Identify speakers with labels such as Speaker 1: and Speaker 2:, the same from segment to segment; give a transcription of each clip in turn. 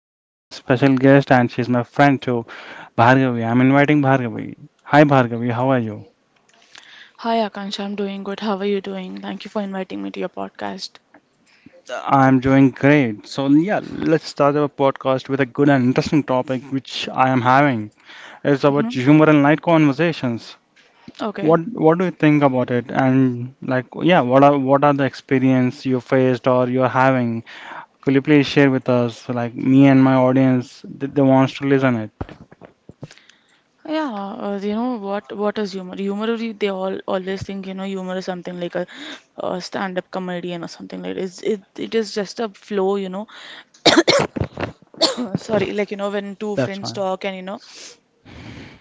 Speaker 1: We are having a special guest, and she's my friend too, Bhargavi. I'm inviting Bhargavi. Hi, Bhargavi. How are you?
Speaker 2: Hi Akansha, I'm doing good. How are you doing? Thank you for inviting me to your podcast.
Speaker 1: I'm doing great. So yeah, let's start our podcast with a good and interesting topic, which I am having. It's about
Speaker 2: hmm
Speaker 1: humor and light conversations.
Speaker 2: Okay.
Speaker 1: What do you think about it? And like, yeah, what are the experience you faced or you're having? Could you please share with us, like me and my audience, they wants to listen it.
Speaker 2: Yeah, you know what? What is humor? Humor they all always think humor is something like a, stand-up comedian or something like it. It is just a flow. Sorry, like when two
Speaker 1: That's
Speaker 2: friends
Speaker 1: fine.
Speaker 2: talk and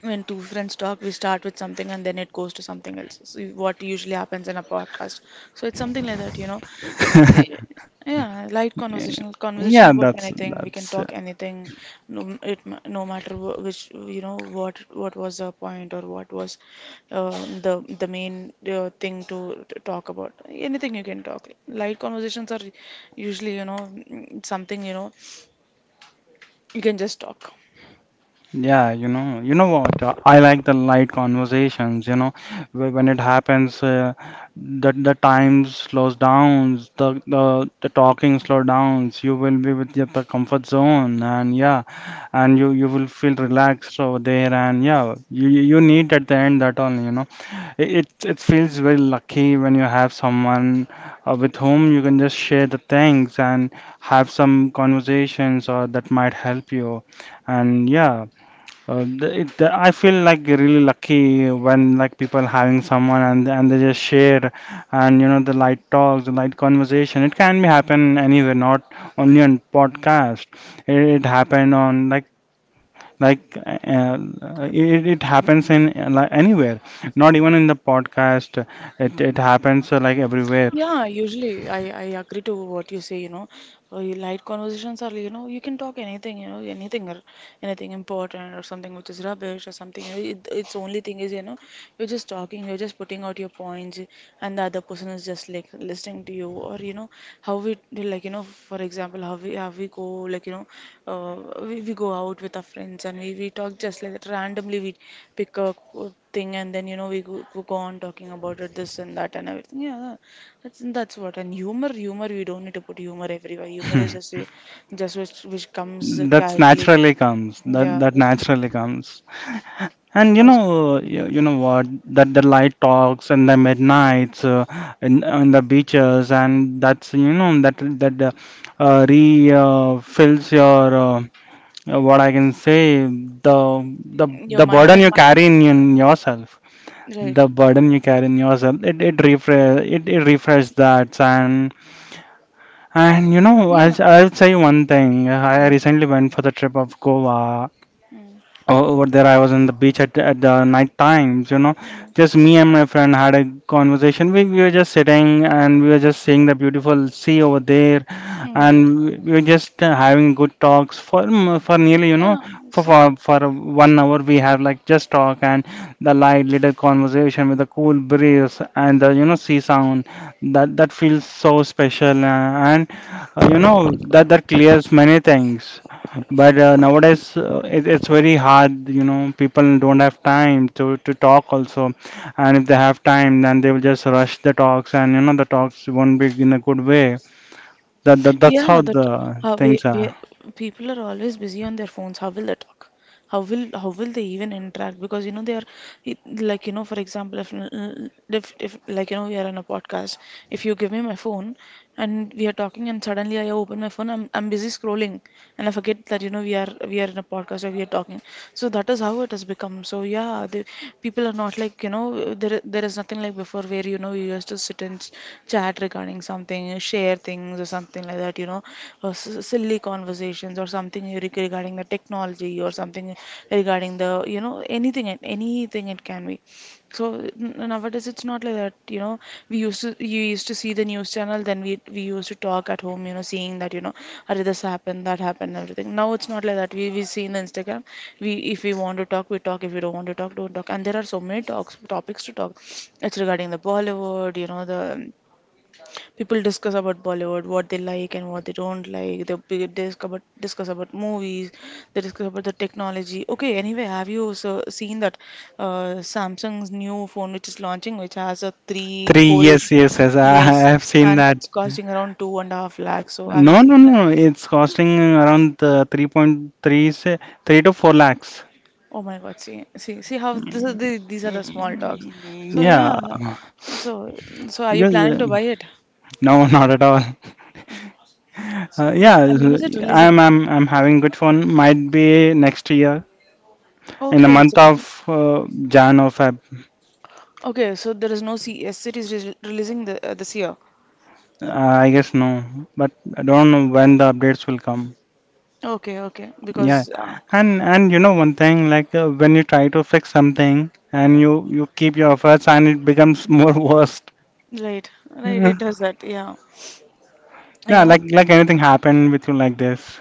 Speaker 2: when two friends talk, we start with something and then it goes to something else. So what usually happens in a podcast. So it's something like that. Y- Yeah, light conversation
Speaker 1: Yeah,
Speaker 2: about anything. We can
Speaker 1: that's
Speaker 2: talk anything. No, no matter which what was the point or what was the the main thing to talk about. Anything you can talk. Light conversations are usually something you can just talk.
Speaker 1: yeah. You know what? I like the light conversations. When it happens, the time slows down, the talking slow downs. You will be with your the comfort zone, and yeah, and you will feel relaxed over there, and yeah, you need at the end that only. You know. It feels very lucky when you have someone with whom you can just share the things and have some conversations or that might help you. And yeah, I feel like really lucky when, like, people having someone and they just share, and the light talks, the light conversation. It can be happen anywhere, not only on podcast. It happened on like, it happens in like anywhere, not even in the podcast, it happens like everywhere.
Speaker 2: Yeah, usually I agree to what you say, you know. You light conversations are, you can talk anything, anything or anything important or something which is rubbish or something. It's only thing is, you're just talking, you're just putting out your points, and the other person is just like listening to you. Or, how we, like, for example, how we go, like, we go out with our friends and we talk just like that. Randomly, we pick a thing and then, we go, go on talking about it, this and that and everything. Yeah. That's what. And humor, humor, we don't need to put humor everywhere. Humor is just a, just which comes casually.
Speaker 1: That
Speaker 2: Yeah,
Speaker 1: that naturally comes. And
Speaker 2: which
Speaker 1: you know what, that the light talks and the midnights, on the beaches, and that's, you know, that— that re fills your what I can say, the— the
Speaker 2: your
Speaker 1: the
Speaker 2: mind
Speaker 1: burden
Speaker 2: and
Speaker 1: you
Speaker 2: heart.
Speaker 1: carry in yourself,
Speaker 2: Right.
Speaker 1: the burden you carry in yourself, it refresh— it refresh that. And
Speaker 2: Yeah.
Speaker 1: I'll say one thing. I
Speaker 2: Mm-hmm.
Speaker 1: recently went for the trip of Goa.
Speaker 2: Mm-hmm.
Speaker 1: Over there I was on the beach at the night times, you know, just me and my friend had a conversation. We were just sitting and we were just seeing the beautiful sea over there,
Speaker 2: Mm,
Speaker 1: and
Speaker 2: right.
Speaker 1: we were just having good talks for for nearly, you know,
Speaker 2: Yeah,
Speaker 1: for, for
Speaker 2: see,
Speaker 1: for 1 hour. We had like just talk, and the light little conversation with the cool breeze and the, you know, sea sound, that— that feels so special. And, you know, that that clears many things. But nowadays, it's very hard. You know, people don't have time to talk also, and if they have time, then they will just rush the talks, and, you know, the talks won't be in a good way. That's
Speaker 2: Yeah,
Speaker 1: how
Speaker 2: that
Speaker 1: the
Speaker 2: how we,
Speaker 1: things
Speaker 2: we
Speaker 1: are.
Speaker 2: people are always busy on their phones. How will they talk? How will they even interact? Because they are like for example if like we are on a podcast, if you give me my phone, and we are talking and suddenly I open my phone I'm busy scrolling and I forget that we are in a podcast or we are talking so that is how it has become so yeah the people are not like there is nothing like before where you used to sit and chat regarding something, share things or something like that, or silly conversations or something regarding the technology or something regarding the anything, anything it can be. So nowadays it's not like that, you know. We used to, you used to see the news channel, then we used to talk at home, you know, seeing that, you know, "Arre, this happened, that happened, everything." Now it's not like that. We see in Instagram. We, if we want to talk, we talk. If we don't want to talk, don't talk. And there are so many talks, topics to talk. It's regarding the Bollywood, you know, the people discuss about Bollywood, what they like and what they don't like. They discuss about movies. They discuss about the technology. Okay, anyway, have you so seen that Samsung's new phone which is launching, which has a
Speaker 1: Three,
Speaker 2: three-fold?
Speaker 1: yes, yes, yes. I
Speaker 2: Yes,
Speaker 1: have seen
Speaker 2: and
Speaker 1: that.
Speaker 2: it's costing around two and a half lakhs. So have you
Speaker 1: No, no,
Speaker 2: seen that?
Speaker 1: no. It's costing around 3.3, say, 3 to 4 lakhs.
Speaker 2: Oh my God, see, see, see how this is the, these are the small talks. So
Speaker 1: Yeah.
Speaker 2: yeah, so so are you
Speaker 1: Yeah,
Speaker 2: planning
Speaker 1: yeah.
Speaker 2: to buy it?
Speaker 1: No, not at all.
Speaker 2: So, yeah,
Speaker 1: Yeah,
Speaker 2: and when is it
Speaker 1: I'm,
Speaker 2: releasing?
Speaker 1: I'm, I'm having good fun. Might be next year, in the
Speaker 2: Okay, it's
Speaker 1: month
Speaker 2: releasing.
Speaker 1: of Jan or Feb.
Speaker 2: Okay, so there is no CS series re releasing the, this year.
Speaker 1: Uh, I guess no, but I don't know when the updates will come.
Speaker 2: Okay, okay,
Speaker 1: Yeah,
Speaker 2: because
Speaker 1: and you know one thing, like, when you try to fix something and you keep your efforts and it becomes more worse.
Speaker 2: right, right,
Speaker 1: Yeah,
Speaker 2: it does that. Yeah, you know,
Speaker 1: like anything happened with you like this?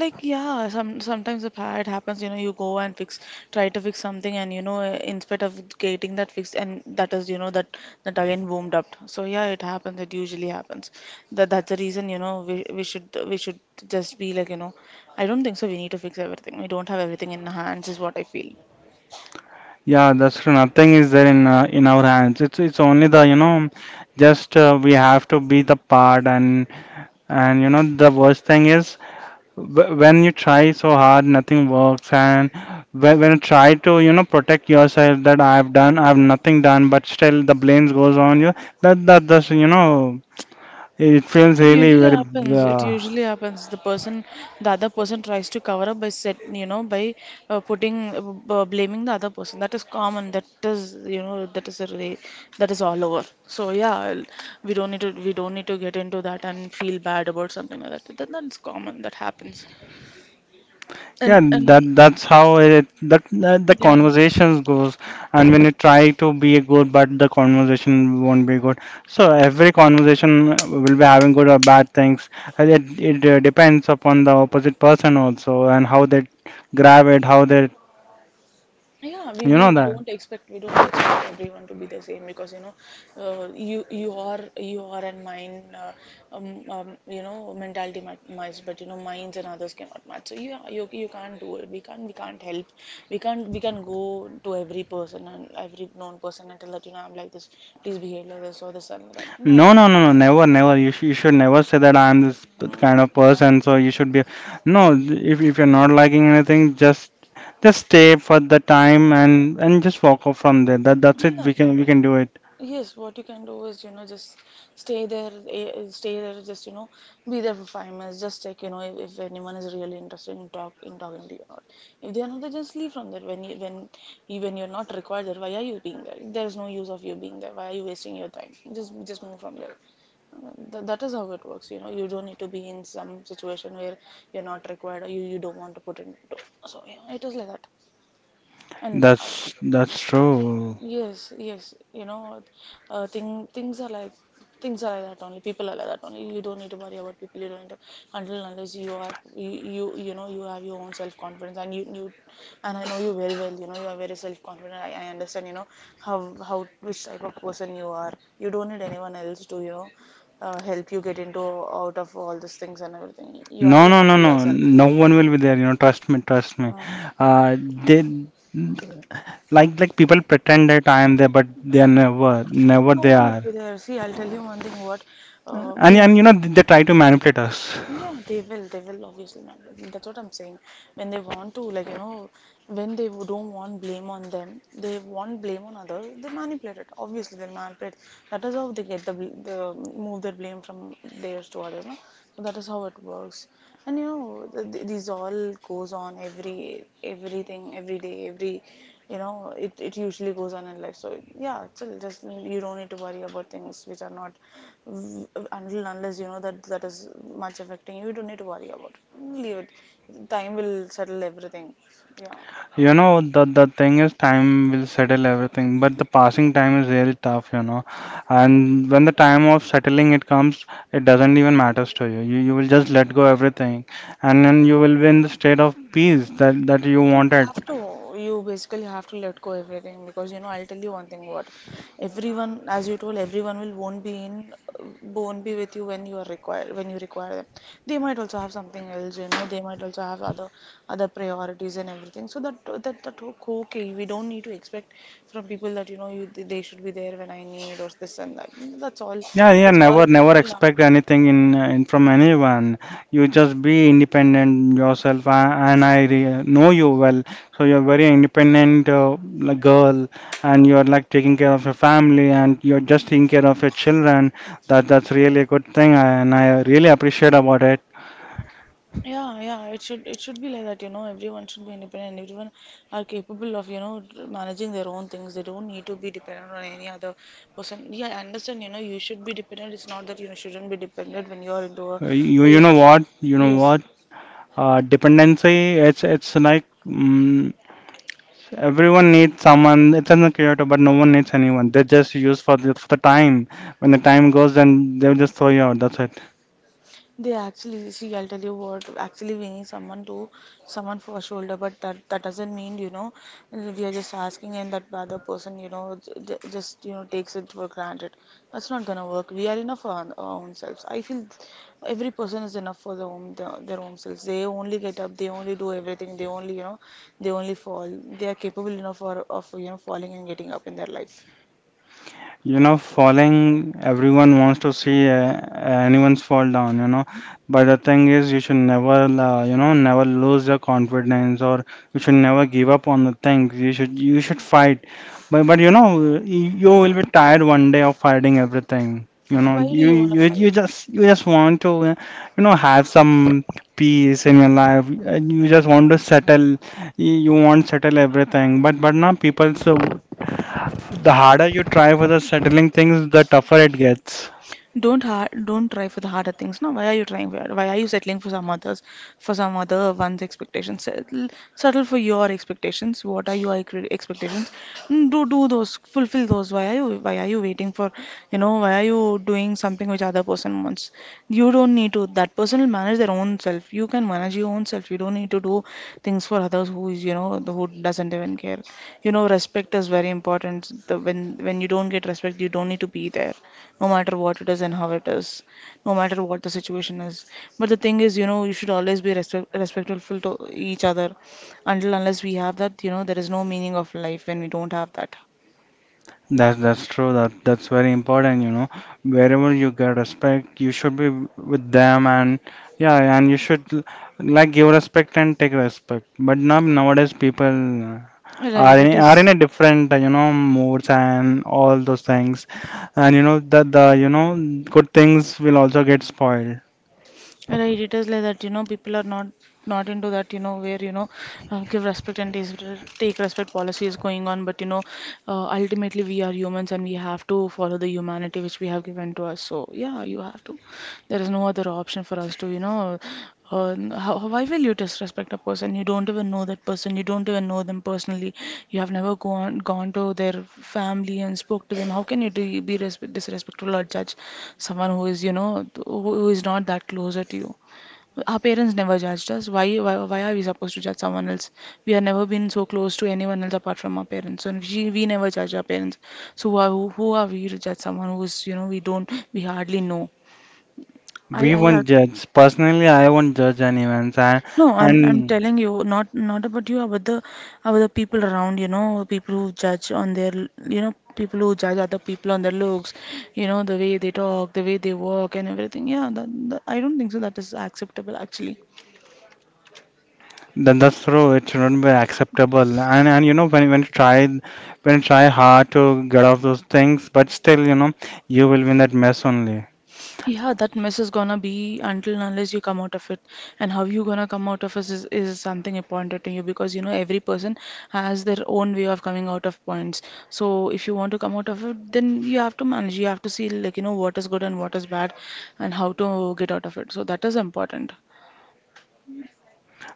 Speaker 2: like yeah, some sometimes it happens. You know, you go and fix, try to fix something, and you know, in spite of getting that fixed, and that is you know that that again boomed up. So yeah, it happens. It usually happens. That's the reason you know we should just be like you know, I don't think so. We need to fix everything. We don't have everything in our hands, is what I feel.
Speaker 1: Yeah, that's true. Nothing is there in our hands. It's only the, you know, just, we have to be the part, and you know the worst thing is, when you try so hard, nothing works, and when you try to, you know, protect yourself, that I've done, I've nothing done, but still the blame goes on you. That does, you know, it feels
Speaker 2: It
Speaker 1: really
Speaker 2: usually
Speaker 1: very
Speaker 2: happens. It
Speaker 1: uh,
Speaker 2: usually happens. The person, the other person tries to cover up by set, you know, by putting, blaming the other person. That is common. That is, you know, that is all over. So yeah, we don't need to, we don't need to get into that and feel bad about something like that. That's common. That happens. And
Speaker 1: yeah. that
Speaker 2: and
Speaker 1: that's how it, that the
Speaker 2: yeah.
Speaker 1: conversations goes, and when you try to be good, but the conversation won't be good, so every conversation will be having good or bad things. And it depends upon the opposite person also, and how they grab it, how they—
Speaker 2: Yeah, we,
Speaker 1: You
Speaker 2: we,
Speaker 1: know
Speaker 2: we
Speaker 1: that?
Speaker 2: don't expect, we don't expect everyone to be the same because you know, you are and mine, you know, mentality match, but you know, minds and others cannot match. So yeah, you can't do it. We can't help. We can't we can go to every person and every known person and tell that you know I'm like this. Please behave like this or this and that. No,
Speaker 1: No, no,
Speaker 2: that,
Speaker 1: no, no, never, never. You should never say that I am this
Speaker 2: um,
Speaker 1: kind of
Speaker 2: yeah.
Speaker 1: person, so you should be. No, if you're not liking anything, just, stay for the time and just walk off from there. That's it.
Speaker 2: Yeah.
Speaker 1: We can we
Speaker 2: uh,
Speaker 1: can do it.
Speaker 2: Yes, what you can do is, you know, just stay there, eh, stay there, just, you know, be there for 5 minutes, just check, you know, if anyone is really interested in talking to you or not. If they are not, then just leave from there. When you're not required there, why are you being there? There is no use of you being there. Why are you wasting your time? Just move from there. That is how it works, you know. You don't need to be in some situation where you're not required or you don't want to put in. So, yeah, it is like that. And
Speaker 1: That's true.
Speaker 2: Yes, yes, you know, things are like, things are like that only. People are like that only. You don't need to worry about people. You don't need to, until and unless you you know you have your own self confidence and you and I know you very well. You know you are very self confident. I understand. You know how which type of person you are. You don't need anyone else to you know help you get into, out of all these things and everything. You are
Speaker 1: No, no,
Speaker 2: enough
Speaker 1: no,
Speaker 2: for
Speaker 1: no. No
Speaker 2: yourself.
Speaker 1: one will be there. You know, trust me, trust me.
Speaker 2: Uh,
Speaker 1: Uh, they Like people pretend that I am there, but they are never, never
Speaker 2: no
Speaker 1: they
Speaker 2: one will
Speaker 1: are.
Speaker 2: be there. See, I'll tell you one thing. What
Speaker 1: And,
Speaker 2: we
Speaker 1: you
Speaker 2: might.
Speaker 1: know, they try to manipulate us.
Speaker 2: Yeah, they will. They will obviously, man. That's what I'm saying. When they want to, like you know, when they don't want blame on them, they want blame on others. They manipulate it. Obviously, they manipulate. That is how they get the move their blame from theirs to others. No? So that is how it works, and you know these all goes on every, everything, every day, every, you know it, it usually goes on in life. So yeah, chill, just you don't need to worry about things which are not v- until unless you know that that is much affecting you, you don't need to worry about it. Leave it, time will settle everything. Yeah.
Speaker 1: You know, the thing is time will settle everything, but the passing time is really tough, you know. And when the time of settling it comes, it doesn't even matters to you. You will just let go everything, and then you will be in the state of peace that you
Speaker 2: You
Speaker 1: wanted.
Speaker 2: have to, you basically have to let go everything because you know I'll tell you one thing what everyone, as you told, everyone will won't be in, won't be with you when you are required, when you require them. They might also have something else, you know, they might also have other, other priorities and everything. So that okay, we don't need to expect from people that you know you, they should be there when I need or this and that. That's all.
Speaker 1: Yeah, yeah,
Speaker 2: That's all.
Speaker 1: never, never
Speaker 2: Yeah.
Speaker 1: expect anything in from anyone. You just be independent yourself, and I know you well. So you're very independent, like, girl, and you're like taking care of your family, and you're just taking care of your children. That's really a good thing, and I really appreciate about it.
Speaker 2: Yeah, yeah, it should be like that, you know, everyone should be independent. Everyone are capable of, you know, managing their own things. They don't need to be dependent on any other person. Yeah, I understand, you know, you should be dependent. It's not that you shouldn't be dependent when you're into a,
Speaker 1: You
Speaker 2: in,
Speaker 1: know what? You know
Speaker 2: yes.
Speaker 1: what? Dependency, it's like, mm, everyone needs someone. It's in the creator, but no one needs anyone. They just use for for the time. When the time goes, then they'll just throw you out. That's it.
Speaker 2: They actually see. I'll tell you what. Actually, we need someone to, someone for a shoulder, but that that doesn't mean you know we are just asking and that other person you know just you know takes it for granted. That's not gonna work. We are enough for our own selves. I feel every person is enough for their own, their own selves. They only get up. They only do everything. They only you know they only fall. They are capable enough for of you know falling and getting up in their life.
Speaker 1: You know, falling, everyone wants to see, anyone's fall down, you know. But the thing is, you should never, you know, never lose your confidence, or you should never give up on the things. You should fight, but, you know, you will be tired one day of fighting everything, you know.
Speaker 2: Why do you wanna
Speaker 1: You
Speaker 2: fight?
Speaker 1: just you just want to, have some peace in your life, and you just want to settle. You want to settle everything, but now people, so the harder you try for the settling things, the tougher it gets.
Speaker 2: Don't hard, don't try for the harder things. No, why are you trying for? Why are you settling for some others, for some other one's expectations? Settle, settle for your expectations. What are your expectations? Do those, fulfill those. Why are you waiting for, why are you doing something which other person wants? You don't need to. That person will manage their own self. You can manage your own self. You don't need to do things for others who is, you know, the who doesn't even care. You know, respect is very important. The when you don't get respect, you don't need to be there no matter what it is and how it is, no matter what the situation is. But the thing is, you know, you should always be respectful to each other until unless we have that, you know, there is no meaning of life when we don't have that.
Speaker 1: That's true. That's very important. You know, wherever you get respect, you should be with them, and yeah, and you should, like, give respect and take respect. But now, nowadays, people are
Speaker 2: Right, it
Speaker 1: are
Speaker 2: is.
Speaker 1: in a different, you know, moods and all those things, and you know good things will also get spoiled.
Speaker 2: Right, it is like that, you know, people are not into that, you know, where, you know, give respect and take respect policy is going on, but, you know, ultimately we are humans and we have to follow the humanity which we have given to us. So, yeah, you have to. There is no other option for us to, you know, why will you disrespect a person? You don't even know that person. You don't even know them personally. You have never gone to their family and spoke to them. How can you be respe disrespectful or judge someone who is, you know, who is not that closer to you? Our parents never judged us. Why are we supposed to judge someone else? We have never been so close to anyone else apart from our parents. So we never judge our parents. So who are we to judge someone who is, you know, we don't, we hardly know?
Speaker 1: We
Speaker 2: I,
Speaker 1: won't judge. Personally, I won't judge anyone, and
Speaker 2: no, I'm
Speaker 1: and
Speaker 2: telling you, not about you, about the people around, you know, people who judge on their, you know, people who judge other people on their looks, you know, the way they talk, the way they walk, and everything. Yeah, I don't think so. That is acceptable, actually.
Speaker 1: Then that's true. It shouldn't be acceptable. And, you know, when you try hard to get off those things, but still, you know, you will be in that mess only.
Speaker 2: Yeah, that mess is gonna be until and unless you come out of it. And how you gonna come out of it is something important to you because you know every person has their own way of coming out of points. So if you want to come out of it, then you have to manage. You have to see like you know what is good and what is bad, and how to get out of it. So that is important.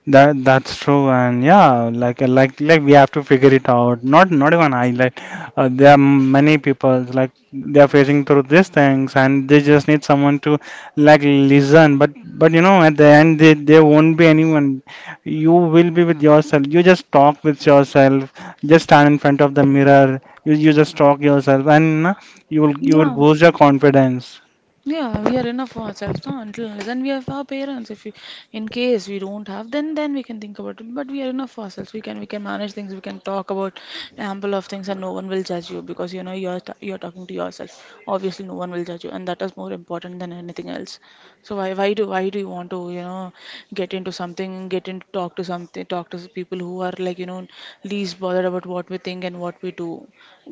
Speaker 1: That's true, and yeah, like we have to figure it out. Not even I, like, there are many people like they are facing through these things, and they just need someone to, like, listen. But you know, at the end, there won't be anyone. You will be with yourself. You just talk with yourself. Just stand in front of the mirror. You just talk yourself, and, you will
Speaker 2: Yeah.
Speaker 1: boost your confidence.
Speaker 2: Yeah, we are enough for ourselves, no? Until and unless, and we have our parents. If we, in case we don't have, then we can think about it. But we are enough for ourselves. We can manage things. We can talk about ample of things, and no one will judge you because you know you're talking to yourself. Obviously, no one will judge you, and that is more important than anything else. So why do you want to you know get into something, get into talk to something, talk to people who are like you know least bothered about what we think and what we do.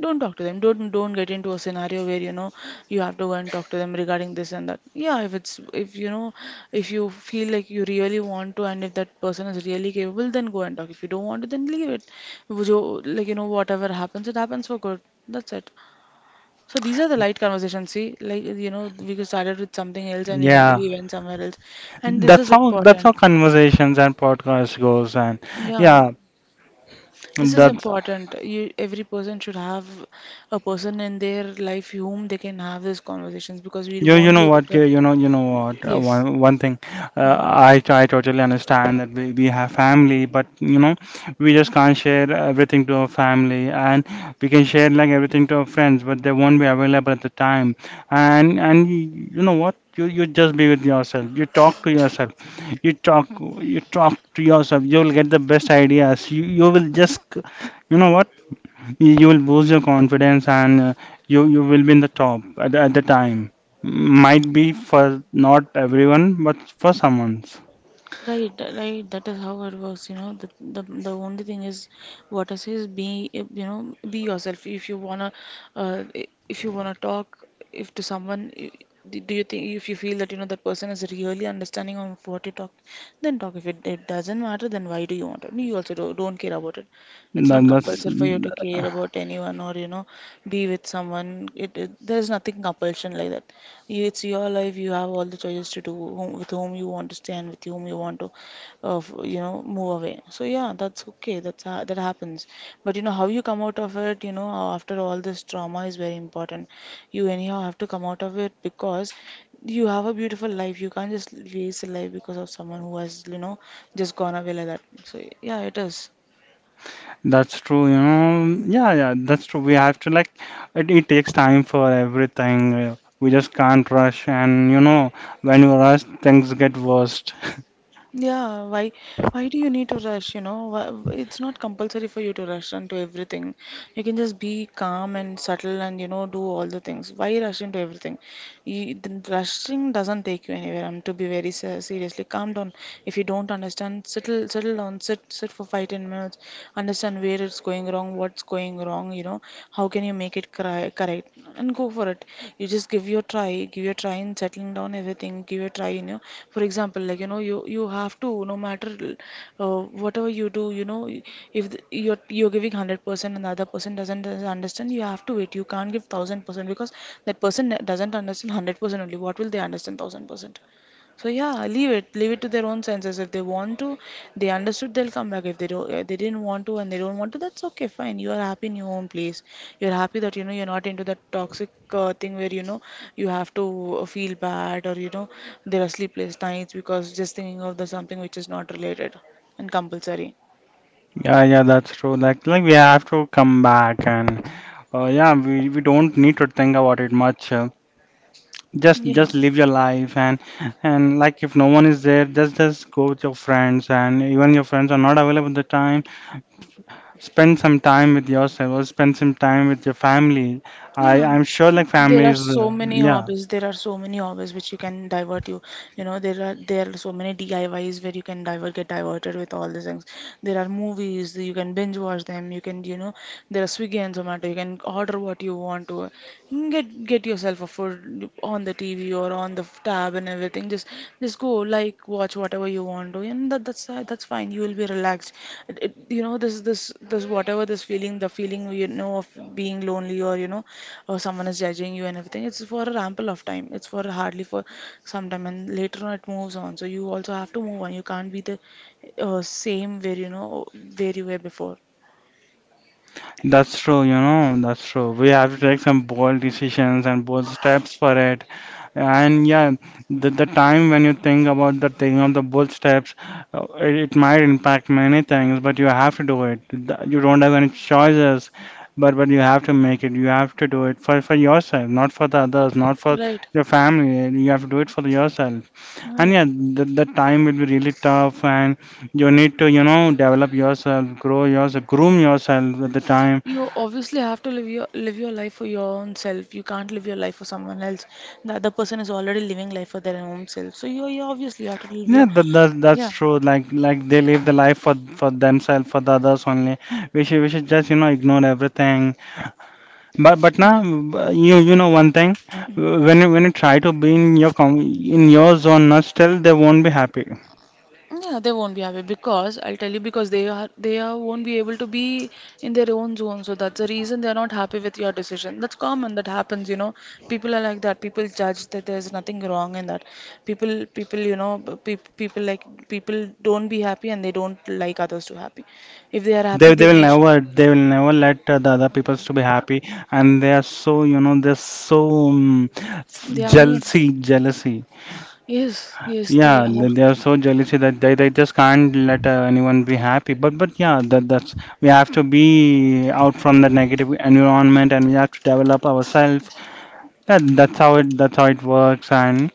Speaker 2: Don't talk to them. Don't get into a scenario where you know you have to go and talk to them regarding this and that. Yeah, if it's, if you know, if you feel like you really want to and if that person is really capable, then go and talk. If you don't want to, then leave it. Like you know whatever happens it happens for good, that's it. So these are the light conversations. See, like you know we started with something else and
Speaker 1: Yeah,
Speaker 2: we went somewhere else, and this
Speaker 1: that's
Speaker 2: is
Speaker 1: how that's how
Speaker 2: important.
Speaker 1: conversations and podcasts goes, and
Speaker 2: Yeah.
Speaker 1: yeah.
Speaker 2: This is
Speaker 1: That
Speaker 2: important. You, every person should have a person in their life whom they can have these conversations because we
Speaker 1: you
Speaker 2: won't
Speaker 1: know
Speaker 2: be able
Speaker 1: what
Speaker 2: to
Speaker 1: you
Speaker 2: have.
Speaker 1: you know You know what,
Speaker 2: Yes.
Speaker 1: one thing,
Speaker 2: Mm-hmm.
Speaker 1: I totally understand that we have family, but you know we just can't share everything to our family, and we can share like everything to our friends, but they won't be available at the time. And and y- you know what you you just be with yourself, you talk to yourself, you talk you talk to yourself, you'll get the best ideas. You you will just c- you know what you will boost your confidence, and you will be in the top at the time. Might be for not everyone, but for someone.
Speaker 2: Right, right. That is how it works. You know, the only thing is, what I say is, be you know, be yourself. If you wanna, if you wanna talk, if to someone, do you think if you feel that you know that person is really understanding on what you talk, then talk. If it, it doesn't matter, then why do you want it? You also don't care about it. It's not
Speaker 1: that, that's
Speaker 2: compulsory for you to care about anyone or you know, be with someone. It there's nothing compulsion like that. You, it's your life. You have all the choices to do whom, with whom you want to stay and with whom you want to, you know, move away. So yeah, that's okay. That happens. But you know how you come out of it. You know after all this trauma is very important. You anyhow have to come out of it because you have a beautiful life. You can't just waste a life because of someone who has you know just gone away like that. So yeah, it is.
Speaker 1: that's true, you know. Yeah, that's true, we have to like, it takes time for everything. We just can't rush, and you know when you rush things get worst.
Speaker 2: Yeah, why do you need to rush, you know? It's not compulsory for you to rush into everything. You can just be calm and subtle and, you know, do all the things. Why rush into everything? You, the rushing doesn't take you anywhere. I'm to be very seriously. Calm down. If you don't understand, settle down. Sit for 5-10 minutes. Understand where it's going wrong, what's going wrong, you know, how can you make it cri correct, and go for it. You just give your give your try and settle settling down everything, give a try, you know, for example, like you know you you have to no matter whatever you do you know if you're giving 100% and the other person doesn't understand. You have to wait. You can't give 1000% because that person doesn't understand 100% only. What will they understand 1000%? So yeah, leave it to their own senses. If they want to, they understood they'll come back. If they don't, they didn't want to and they don't want to, that's okay, fine. You are happy in your own place. You're happy that you know you're not into that toxic thing where you know you have to feel bad or you know there are sleepless nights because just thinking of the something which is not related and compulsory.
Speaker 1: Yeah, that's true. Like we have to come back, and yeah, we don't need to think about it much. just
Speaker 2: Yeah.
Speaker 1: just live your life, and like if no one is there, just go with your friends, and even your friends are not available at the time, spend some time with yourself or spend some time with your family. i
Speaker 2: Yeah,
Speaker 1: i'm sure like
Speaker 2: there are
Speaker 1: families,
Speaker 2: so many
Speaker 1: yeah.
Speaker 2: hobbies. There are so many hobbies which you can divert you. You know, there are so many DIYs where you can divert get diverted with all these things. There are movies you can binge watch them. You can you know there are Swiggy and Zomato. You can order what you want to. You can get yourself a food on the TV or on the off tab and everything. Just go like watch whatever you want to, and that's fine. You will be relaxed. You know this whatever the feeling you know of being lonely or you know, or someone is judging you and everything. It's for a ample of time. It's for hardly for some time, and later on it moves on. So you also have to move on. You can't be the same where you know where you were before.
Speaker 1: That's true, you know. That's true, we have to take some bold decisions and bold steps for it. And yeah, the time when you think about the thing of the bold steps, it might impact many things, but you have to do it. You don't have any choices, but you have to make it. You have to do it for yourself, not for the others, not for
Speaker 2: Right. Right.
Speaker 1: your family. You have to do it for yourself. And yeah, the time will be really tough, and you need to you know develop yourself, grow yourself, groom yourself with the time.
Speaker 2: You obviously have to live your life for your own self. You can't live your life for someone else. The other person is already living life for their own self. So you obviously have to live
Speaker 1: Yeah,
Speaker 2: your
Speaker 1: that's
Speaker 2: yeah.
Speaker 1: true. Like they live the life for themselves, for the others only. We should just you know ignore everything. But now, you you know one thing,
Speaker 2: Mhm.
Speaker 1: when you try to be in your zone, not still they won't be happy.
Speaker 2: Yeah, they won't be happy because I'll tell you because they are won't be able to be in their own zone. So that's the reason they're not happy with your decision. That's common. That happens. You know, people are like that. People judge that there's nothing wrong in that. People people you know pe people like people don't be happy and they don't like others to happy. If they are happy,
Speaker 1: They will never let the other peoples to be happy, and they are so you know they're so, um,
Speaker 2: they are mean.
Speaker 1: jealousy jealousy.
Speaker 2: Yes, yes, they
Speaker 1: Yeah,
Speaker 2: are.
Speaker 1: they are so jealousy that they just can't let anyone be happy. But yeah, that that's we have to be out from the negative environment, and we have to develop ourselves. That that's how it works. And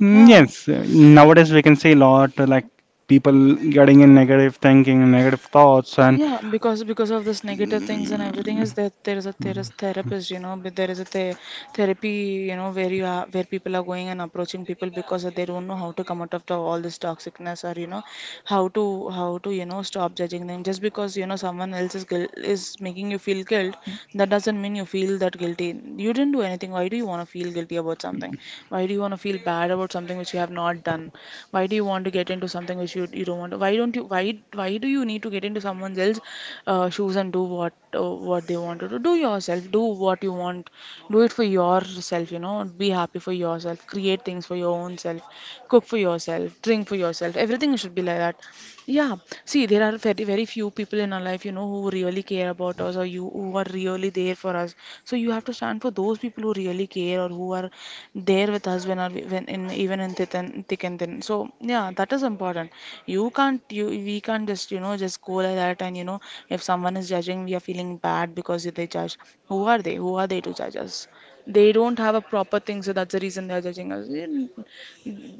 Speaker 2: Yeah.
Speaker 1: yes, nowadays we can see a lot, like people getting in negative thinking, negative thoughts, and
Speaker 2: Yeah, because of this negative things and everything is that there is therapist, you know, but there is a the therapy, you know, where you are where people are going and approaching people because they don't know how to come out of the, all this toxicness or you know how to you know stop judging them just because you know someone else is guil is making you feel guilt, that doesn't mean you feel that guilty. You didn't do anything. Why do you want to feel guilty about something? Why do you want to feel bad about something which you have not done? Why do you want to get into something which you don't want to? Why don't you? Why do you need to get into someone else's shoes and do what they want to do? Do yourself. Do what you want. Do it for yourself. You know, be happy for yourself. Create things for your own self. Cook for yourself. Drink for yourself. Everything should be like that. Yeah, see, there are very, very few people in our life, you know, who really care about us or you who are really there for us. So you have to stand for those people who really care or who are there with us when in even in thick and thin. So yeah, that is important. You can't you we can't just you know just go like that and you know if someone is judging, we are feeling bad because they judge. Who are they? Who are they to judge us? They don't have a proper thing, so that's the reason they are judging us.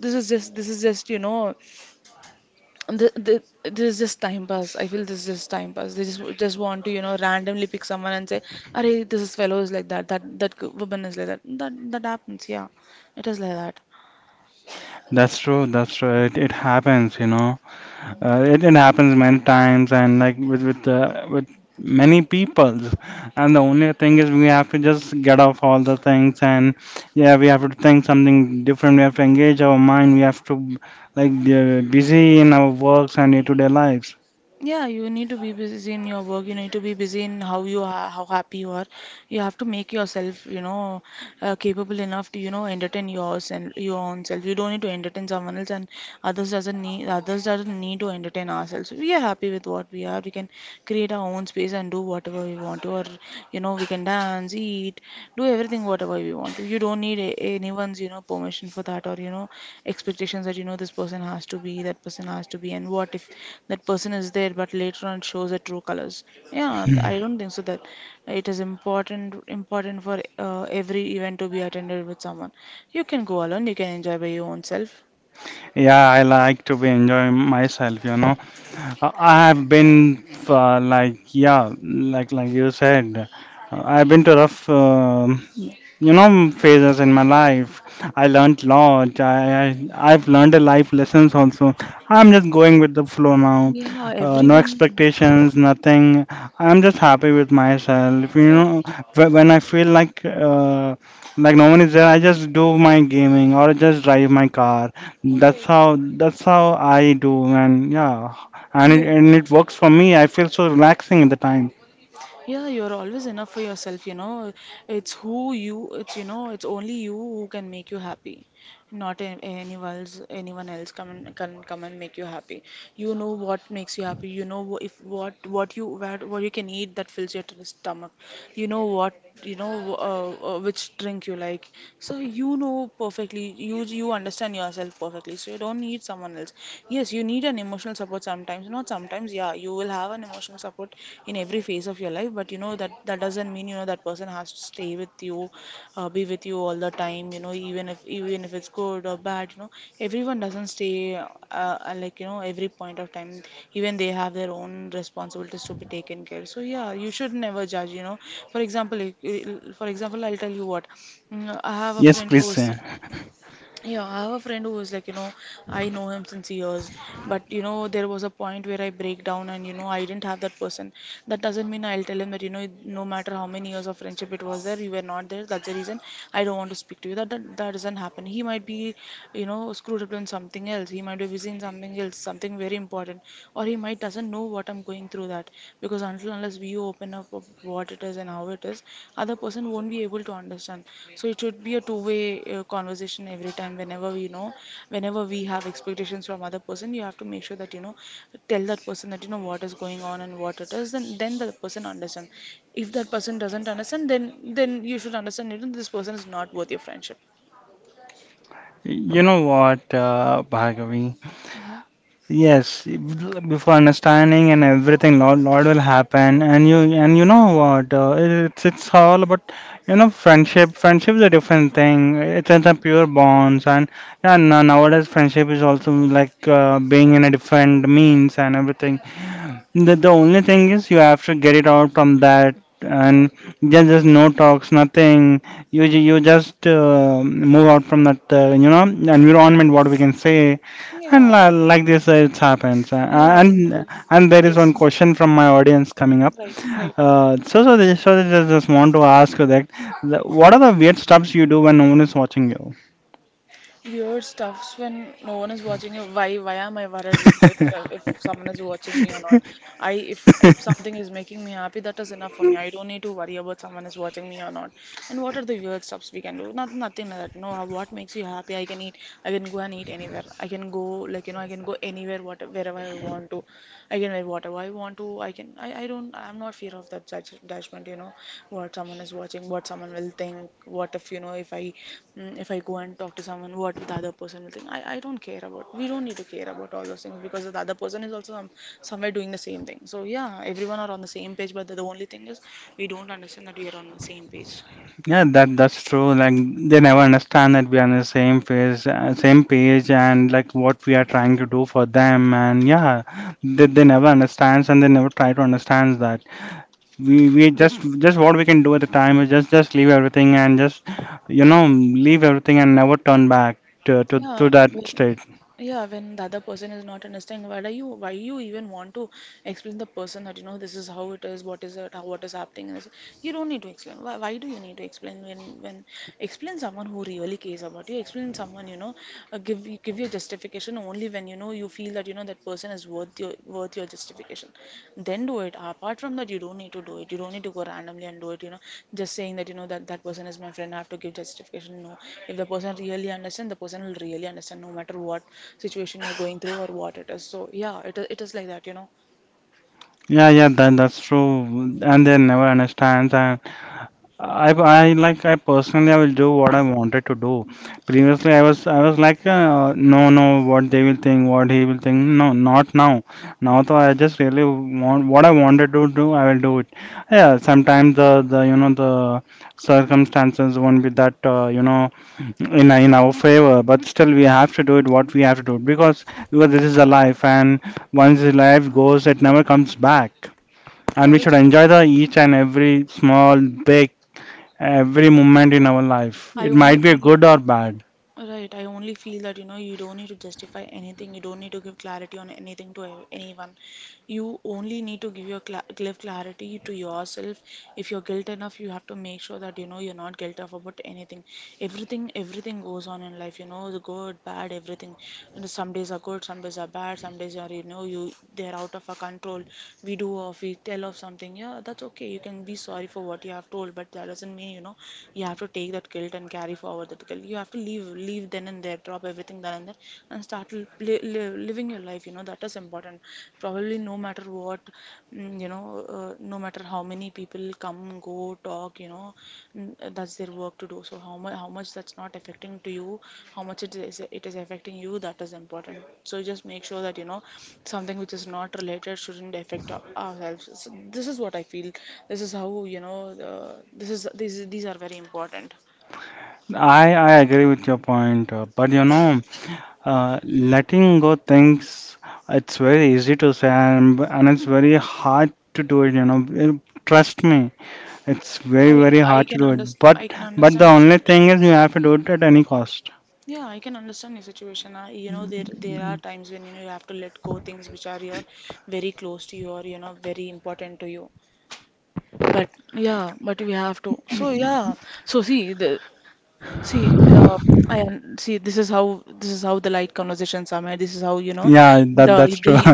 Speaker 2: This is just you know the, the, this is just time pass. I feel this is just time pass. They just want to you know randomly pick someone and say, "Arey, this is fellow is like that. That woman is like that. That happens. Yeah, it is like that.
Speaker 1: that's true. That's true. It happens, you know. It happens many times, and like with many peoples, and the only thing is we have to just get off all the things. And yeah, we have to think something different, we have to engage our mind, we have to like be busy in our works and day-to-day lives.
Speaker 2: Yeah, you need to be busy in your work. You need to be busy in how you are, how happy you are. You have to make yourself you know capable enough to you know entertain yours and your own self. You don't need to entertain someone else and others doesn't need to entertain ourselves. We are happy with what we are. We can create our own space and do whatever we want to, or you know, we can dance, eat, do everything whatever we want to. You don't need anyone's you know permission for that, or you know, expectations that you know this person has to be, that person has to be, and what if that person is there, but later on it shows the true colors? Yeah, and I don't think so that it is important for every event to be attended with someone. You can go alone, you can enjoy by your own self.
Speaker 1: Yeah, I like to be enjoying myself, you know. I have been, uh, like yeah like you said, I've been to rough you know phases in my life. I learned lot. I've learned a life lessons also. I'm just going with the flow now.
Speaker 2: Yeah,
Speaker 1: No
Speaker 2: everyone.
Speaker 1: expectations, nothing. I'm just happy with myself. You
Speaker 2: Right,
Speaker 1: know, when I feel like no one is there, I just do my gaming or just drive my car. That's
Speaker 2: right.
Speaker 1: how that's how I do, and yeah,
Speaker 2: Yeah.
Speaker 1: and it works for me. I feel so relaxing at the time.
Speaker 2: Yeah, you're always enough for yourself, you know. It's you know, it's only you who can make you happy. Not a- anyone else can come and make you happy. You know what makes you happy. You know wh- if what what you can eat that fills your stomach. You know what you know which drink you like. So you know perfectly. You understand yourself perfectly. So you don't need someone else. Yes, you need an emotional support sometimes. Not sometimes. Yeah, you will have an emotional support in every phase of your life, but you know that that doesn't mean you know that person has to stay with you, be with you all the time, you know, even if it's good or bad, you know, everyone doesn't stay like you know every point of time, even they have their own responsibilities to be taken care. So yeah, you should never judge you know. For example, for example, I'll tell you what. I have a
Speaker 1: Yes,
Speaker 2: friend
Speaker 1: please,
Speaker 2: who's
Speaker 1: sir.
Speaker 2: yeah, I have a friend who is like, you know, I know him since years, but you know, there was a point where I break down and you know, I didn't have that person. That doesn't mean I'll tell him that, you know, no matter how many years of friendship it was there, you were not there. That's the reason I don't want to speak to you. That doesn't happen. He might be, you know, screwed up in something else. He might be busy in something else, something very important, or he might doesn't know what I'm going through that because until unless we open up of what it is and how it is, other person won't be able to understand. So it should be a two way conversation every time, whenever you know, whenever we have expectations from other person, you have to make sure that you know tell that person that you know what is going on and what it is. Then the person understand. If that person doesn't understand, then you should understand, you know, this person is not worth your friendship.
Speaker 1: You know what, Bhargavi?
Speaker 2: Hmm.
Speaker 1: Yes, before understanding and everything, lot will happen, and you, and you know what? It's all about you know friendship. Friendship is a different thing. It's a pure bonds, and yeah, nowadays friendship is also like being in a different means and everything. The only thing is you have to get it out from that, and there's just no talks, nothing. You just move out from that you know environment, what we can say. And
Speaker 2: Yeah,
Speaker 1: like this, it happens.
Speaker 2: yeah, when,
Speaker 1: And
Speaker 2: when
Speaker 1: and there is one
Speaker 2: yes.
Speaker 1: question from my audience coming up.
Speaker 2: Right, right.
Speaker 1: So they just want to ask you that, what are the weird stuffs you do when no one is watching
Speaker 2: Weird stuffs when no one is watching you. Why? Why am I worried if someone is watching me or not? I
Speaker 1: you?
Speaker 2: if something is making me happy, that is enough for me. I don't need to worry about someone is watching me or not. And what are the weird stuffs we can do? Not nothing like that. No, what makes you happy? I can eat. I can go and eat anywhere. I can go like you know. I can go anywhere, what wherever I want to. I can wear whatever I want to. I can. I don't. I'm not fear of that judgment. You know what someone is watching, what someone will think. What if you know if if I go and talk to someone, what the other person will think. I don't care about. We don't need to care about all those things because the other person is also somewhere doing the same thing. So yeah, everyone are on the same page. But the only thing is we don't understand that we are on the same page.
Speaker 1: Yeah, that that's true. Like they never understand that we are on the same phase, same page, and like what we are trying to do for them. And yeah, they never understands, and they never try to understand that. We
Speaker 2: When
Speaker 1: just what we can do at the time is just leave everything, and just you know leave everything and never turn back to
Speaker 2: Yeah,
Speaker 1: to that
Speaker 2: when
Speaker 1: state.
Speaker 2: yeah, when the other person is not understanding, why are you why you even want to explain the person that you know this is how it is, what is it, how what is happening? And you don't need to explain. Why do you need to explain when when explain someone who really cares about you? Explain someone you know, give your justification only when you know you feel that you know that person is worth your justification, then do it. Apart from that, you don't need to do it. You don't need to go randomly and do it, you know, just saying that you know that that person is my friend, I have to give justification. No, if the person really understand, the person will really understand no matter what situation you're going through or what it is. So yeah, it is like that, you know.
Speaker 1: Yeah, yeah, that that's true. And they never understands. And I like, I personally I will do what I wanted to do. Previously I was like, no no, what they will think, what he will think. No, not now. Now though, I just really want what I wanted to do, I will do it. Yeah, sometimes the you know the circumstances won't be that, you know, in our favor, but still we have to do it what we have to do, because this is the life, and once the life goes it never comes back, and we should
Speaker 2: Obviously,
Speaker 1: enjoy the each and every small, big, every moment in our life.
Speaker 2: I
Speaker 1: It
Speaker 2: only
Speaker 1: might be
Speaker 2: feel
Speaker 1: good or bad.
Speaker 2: right. I only feel that you know you don't need to justify anything. You don't need to give clarity on anything to anyone. You only need to give your clarity to yourself. If you're guilt enough, you have to make sure that you know you're not guilt enough about anything. Everything goes on in life, you know, the good bad everything. You know, some days are good, some days are bad, some days are you know you they're out of our control. We do or we tell of something, yeah, that's okay. You can be sorry for what you have told, but that doesn't mean you know you have to take that guilt and carry forward that guilt. You have to leave then and there, drop everything then and there and start living your life, you know, that is important. Probably no matter what, you know, no matter how many people come, go, talk, you know, mm, that's their work to do. So how much that's not affecting to you, how much it is affecting you, that is important. So just make sure that you know something which is not related shouldn't affect ourselves. So this is what I feel. This is how you know, uh, this is these are very important.
Speaker 1: I agree with your point, but you know, letting go things, it's very easy to say, and it's very hard to do it, you know. Trust me, it's very,
Speaker 2: i
Speaker 1: very
Speaker 2: i
Speaker 1: hard to
Speaker 2: can
Speaker 1: do it.
Speaker 2: understand
Speaker 1: But
Speaker 2: i can
Speaker 1: but the
Speaker 2: understand your
Speaker 1: only thing
Speaker 2: situation.
Speaker 1: is you have to do it at any cost.
Speaker 2: Yeah, I can understand your situation. You know, there are times when you know you have to let go things which are your very close to you, or you know very important to you. But yeah, but we have to. So yeah, so see the see I see, this is how the light conversations are made. This is how you know
Speaker 1: Yeah, that that's true.
Speaker 2: the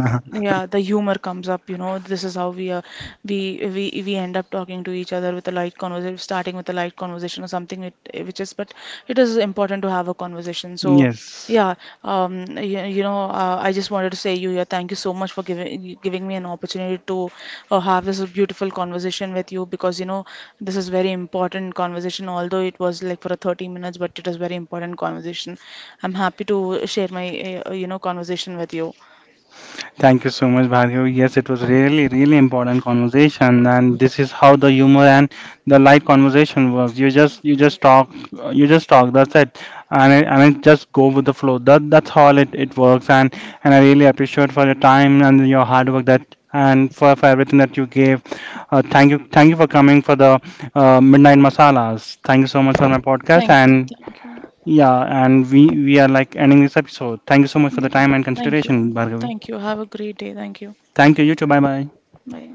Speaker 2: yeah, the humor comes up. You know, this is how we we we end up talking to each other with a light conversation, starting with a light conversation or something. It which is, but it is important to have a conversation. So.
Speaker 1: Yes.
Speaker 2: Yeah, you know, I just wanted to say you here. Thank you so much for giving me an opportunity to have this beautiful conversation with you because you know this is very important conversation. Although it was like for a 30 minutes, but it is very important conversation. I'm happy to share my you know conversation with you.
Speaker 1: Thank you so much, Bhargav. Yes, it was really, really important conversation, and this is how the humor and the light conversation works. You just talk, you just talk. That's it, and it just go with the flow. That's how it works, and I really appreciate for your time and your hard work, that and for everything that you gave. Thank you, thank you for coming for the midnight masalas. Thank you so much for my podcast,
Speaker 2: Thank you,
Speaker 1: and
Speaker 2: thank you.
Speaker 1: yeah, and we are like ending this episode. Thank you so much for the
Speaker 2: Yeah,
Speaker 1: time and
Speaker 2: thank
Speaker 1: consideration,
Speaker 2: you,
Speaker 1: Bhargavi.
Speaker 2: thank you. Have a great day. Thank you.
Speaker 1: Thank you. You too. Bye bye.
Speaker 2: Bye.